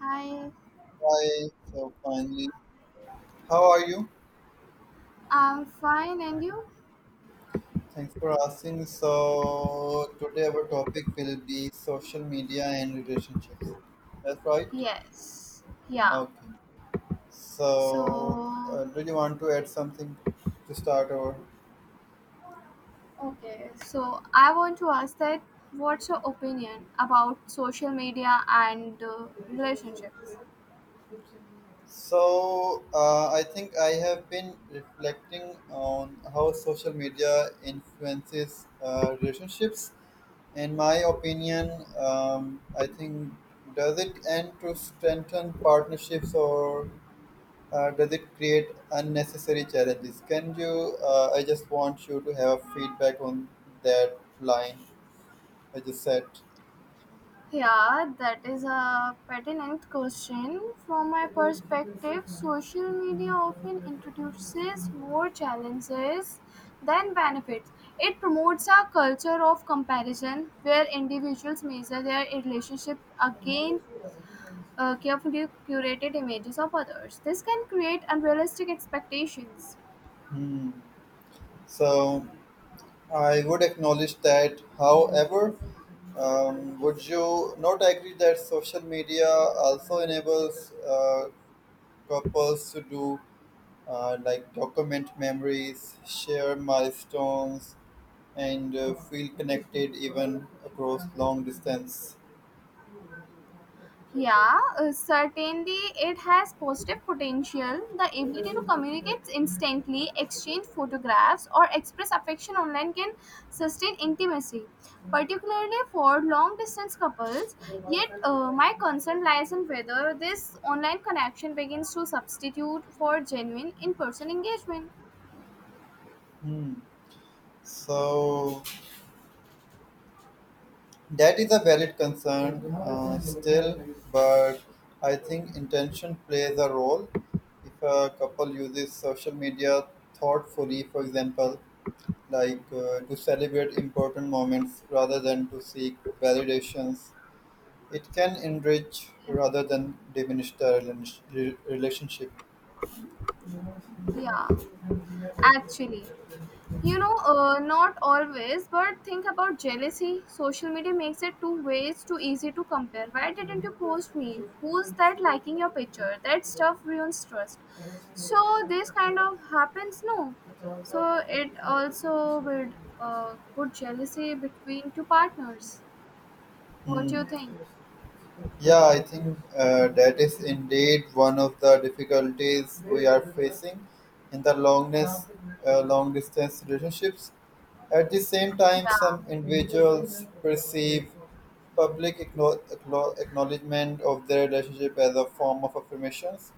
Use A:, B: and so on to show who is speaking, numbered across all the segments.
A: Hi,
B: Hi, so finally, how are you?
A: I'm fine, and you?
B: Thanks for asking. So today our topic will be social media and relationships. That's right.
A: Yes, yeah.
B: Okay.
A: So,
B: So do you want to add something to start over?
A: okay, so I want to ask that what's your opinion about social media and relationships?
B: So I think I have been reflecting on how social media influences relationships. In my opinion, I think does it end to strengthen partnerships or does it create unnecessary challenges? Can you? I just want you to have feedback on that line I just said.
A: Yeah, that is a pertinent question. From my perspective, social media often introduces more challenges than benefits. It promotes a culture of comparison where individuals measure their relationship against carefully curated images of others. This can create unrealistic expectations.
B: Hmm. So I would acknowledge that. However, would you not agree that social media also enables couples to do like document memories, share milestones, and feel connected even across long distance?
A: Yeah, certainly it has positive potential. The ability to communicate instantly, exchange photographs, or express affection online can sustain intimacy, particularly for long distance couples. Yet, my concern lies in whether this online connection begins to substitute for genuine in person engagement.
B: Hmm. So that is a valid concern still, but I think intention plays a role. If a couple uses social media thoughtfully, for example, like to celebrate important moments rather than to seek validations, it can enrich rather than diminish the relationship.
A: Yeah, actually, not always, but think about jealousy. Social media makes it two ways too easy to compare. Why didn't you post me? Who's that liking your picture? That stuff ruins trust. So this kind of happens, no. So it also would good jealousy between two partners. What do you
B: Hmm.
A: think?
B: Yeah, I think that is indeed one of the difficulties we are facing in the longness, long distance relationships. At the same time,
A: Yeah.
B: some individuals perceive public acknowledgement of their relationship as a form of affirmations.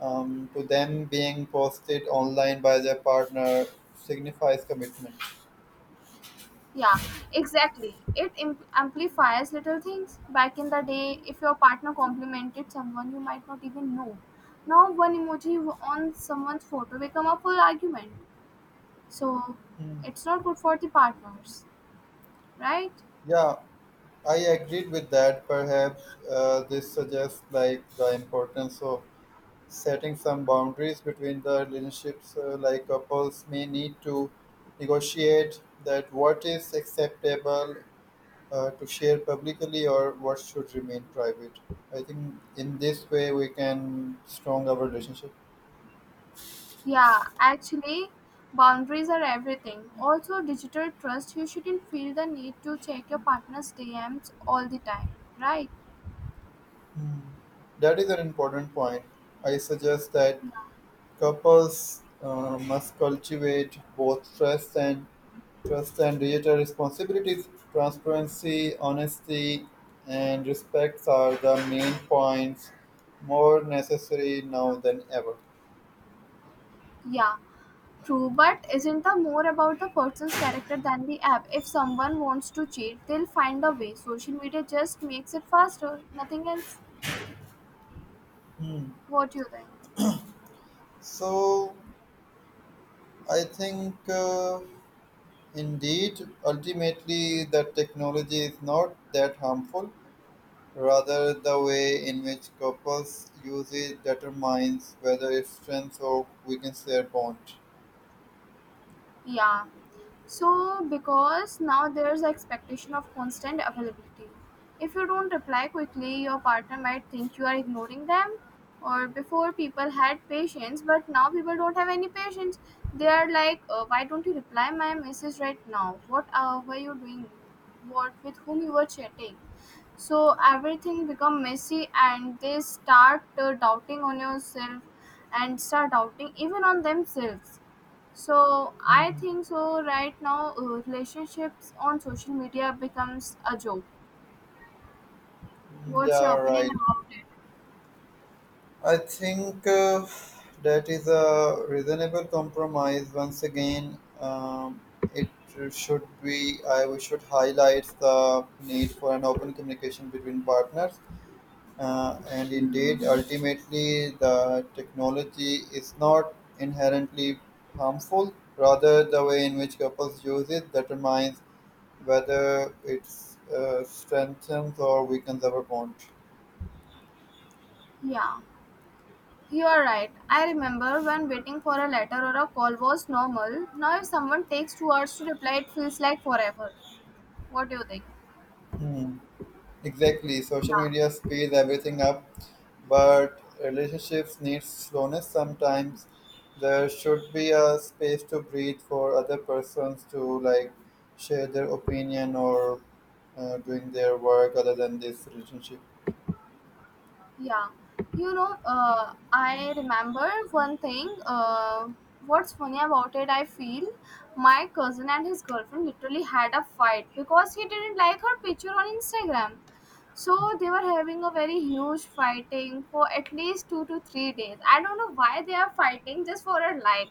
B: To them, being posted online by their partner signifies commitment.
A: Yeah, exactly. Amplifies little things. Back in the day, if your partner complimented someone you might not even know, now one emoji on someone's photo become a full argument. So
B: Hmm.
A: it's not good for the partners, right?
B: Yeah, I agreed with that. Perhaps this suggests like the importance of setting some boundaries between the relationships. Like couples may need to negotiate that what is acceptable to share publicly or what should remain private. I think in this way we can strong our relationship.
A: Yeah, actually, boundaries are everything. Also, digital trust. You shouldn't feel the need to check your partner's DMs all the time, right?
B: Hmm. That is an important point. I suggest that couples must cultivate both trust and trust and digital responsibilities, transparency, honesty, and respect are the main points, more necessary now than ever.
A: Yeah. True, but isn't the more about the person's character than the app? If someone wants to cheat, they'll find a way. Social media just makes it faster, nothing else.
B: Hmm.
A: What do you think?
B: So, I think indeed, ultimately, the technology is not that harmful. Rather, the way in which couples use it determines whether it strengthens or weakens their bond.
A: Yeah. So because now there's expectation of constant availability. If you don't reply quickly, your partner might think you are ignoring them. Or before people had patience, but now people don't have any patience. They are like, why don't you reply my message right now? What were you doing? What with whom you were chatting? So everything become messy, and they start doubting on yourself, and start doubting even on themselves so I
B: Hmm.
A: think so. Right now, relationships on social media becomes a joke. What's your
B: Yeah,
A: opinion
B: right.
A: about it?
B: I think that is a reasonable compromise. Once again, it should be, I we should highlight the need for an open communication between partners. And indeed, ultimately, the technology is not inherently harmful. Rather, the way in which couples use it determines whether it strengthens or weakens our bond.
A: Yeah, you are right. I remember when waiting for a letter or a call was normal. Now, if someone takes 2 hours to reply, it feels like forever. What do you think?
B: Hmm. Exactly. Social
A: Yeah,
B: media speeds everything up, but relationships need slowness sometimes. There should be a space to breathe for other persons to like share their opinion or doing their work other than this relationship.
A: yeah. I remember one thing. What's funny about it? I feel my cousin and his girlfriend literally had a fight because he didn't like her picture on Instagram. So they were having a very huge fighting for at least 2 to 3 days. I don't know why they are fighting just for a like.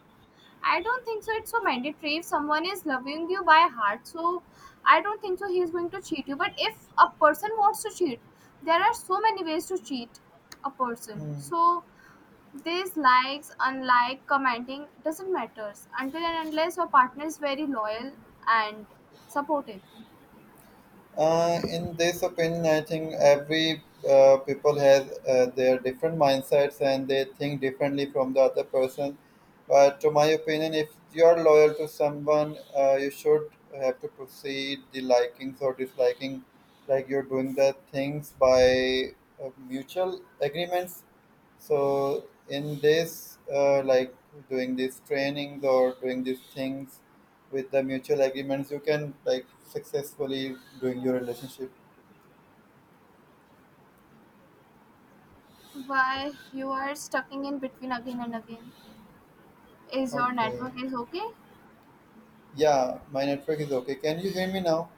A: I don't think so. It's so mandatory. If someone is loving you by heart, so I don't think so. He is going to cheat you. But if a person wants to cheat, there are so many ways to cheat a person.
B: Hmm.
A: So these likes, unlike, commenting doesn't matters until and unless your partner is very loyal and supportive.
B: In this opinion, I think every people has their different mindsets and they think differently from the other person. But to my opinion, if you are loyal to someone, you should have to proceed the likings or disliking, like you're doing the things by mutual agreements so in this, like doing these trainings or doing these things with the mutual agreements, you can like successfully doing your relationship.
A: Why you are stucking in between again and again? Is your
B: Okay.
A: network is okay?
B: Yeah, my network is okay. Can you hear me now?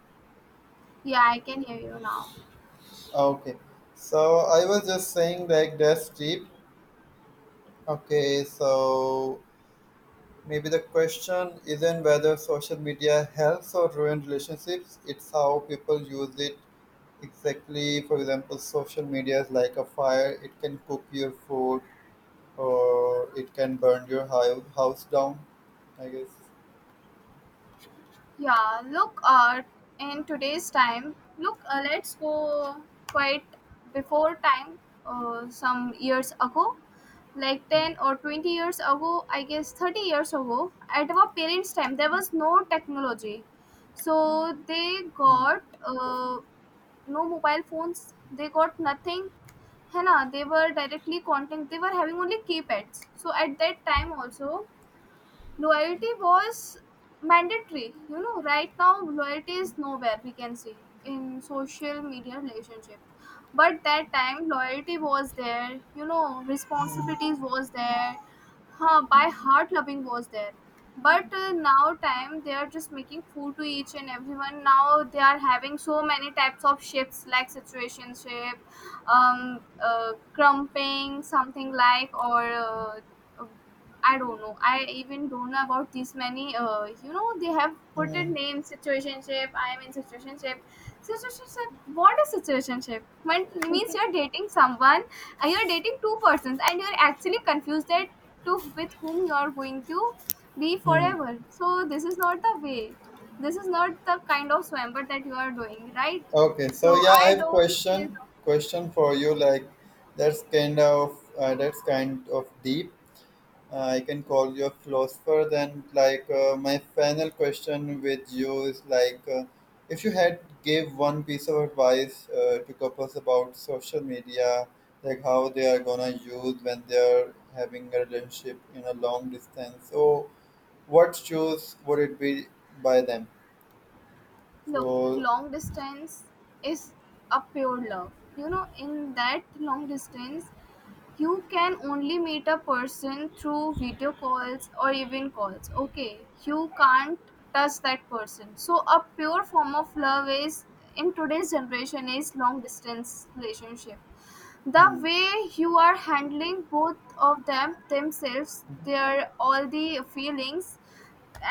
A: Yeah, I can hear you now.
B: Ah, okay. So I was just saying like that's deep. Okay. So maybe the question isn't whether social media helps or ruins relationships. It's how people use it. Exactly. For example, social media is like a fire. It can cook your food, or it can burn your house down. I guess.
A: Yeah, look, in today's time, look, let's go quite before time, some years ago, like 10 or 20 years ago, I guess 30 years ago, at our parents' time, there was no technology. So they
B: Hmm,
A: got no mobile phones, they got nothing. है ना they were directly contact they were having only keypads, so at that time also loyalty was mandatory. You know, right now loyalty is nowhere we can see in social media relationship. But that time loyalty was there, you know,
B: hmm,
A: responsibilities was there, by heart loving was there. But now time they are just making food to each and everyone. Now they are having so many types of shifts like situationship, crumping, something like or uh, I don't know. I even don't know about these many. You know, they have put a
B: hmm,
A: name situationship. I am in situationship. Situationship. What is situationship? When means you're dating someone, you're dating two persons, and you're actually confused that to with whom you are going to be
B: hmm.
A: forever. So this is not the way. This is not the kind of swamper that you are doing, right?
B: Okay. So
A: So
B: yeah, I
A: I
B: have
A: don't feel.
B: question for you. Like, that's kind of deep. I can call you a philosopher then. Like my final question with you is like, if you had gave one piece of advice to couples about social media, like how they are gonna use when they are having a relationship in a long distance, so what choice would it be by them?
A: Look,
B: So.
A: long distance is a pure love, you know. In that long distance, you can only meet a person through video calls or even calls. Okay, you can't touch that person, so a pure form of love is, in today's generation, is long distance relationship. The
B: Mm,
A: way you are handling both of them themselves,
B: mm,
A: their all the feelings,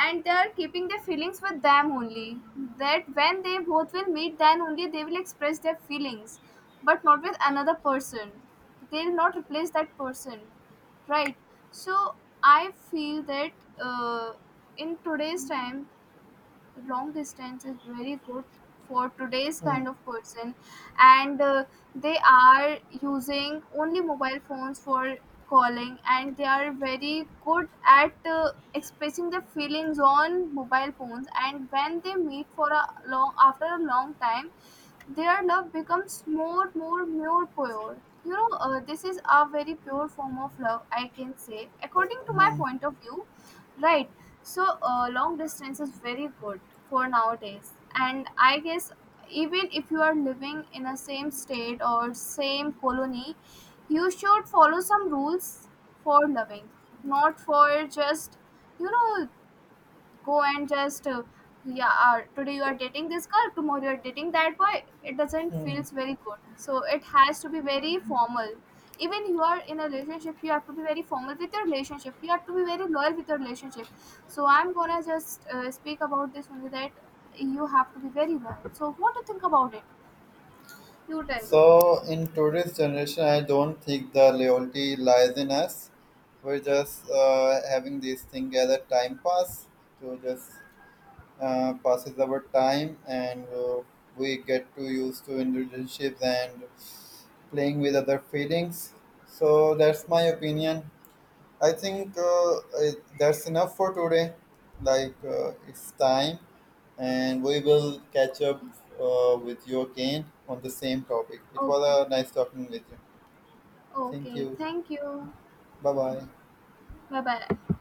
A: and they are keeping their feelings with them only, that when they both will meet, then only they will express their feelings, but not with another person. They will not replace that person, right? So I feel that, uh, in today's time, long distance is very good for today's kind
B: mm,
A: of person, and they are using only mobile phones for calling, and they are very good at expressing their feelings on mobile phones, and when they meet for a long after a long time, their love becomes more more pure, you know. This is a very pure form of love, I can say according to my
B: mm.
A: point of view. Right? So long distance is very good for nowadays, and I guess even if you are living in a same state or same colony, you should follow some rules for loving, not for just, you know, go and just yeah today you are dating this girl, tomorrow you are dating that boy. It doesn't feels very good, so it has to be very formal. Even you are in a relationship, you have to be very formal with your relationship, you have to be very loyal with your relationship. So I'm gonna just speak about this only, that you have to be very loyal. So what do you think about it? You tell me.
B: So in today's generation, I don't think the loyalty lies in us. We're just having this thing as a time pass to just passes our time, and we get too used to in relationships and playing with other feelings. So that's my opinion. I think that's enough for today. Like it's time and we will catch up with you again on the same topic. It
A: Okay.
B: was a nice talking with you. Thank
A: Okay,
B: you.
A: thank you.
B: Bye bye.
A: Bye bye.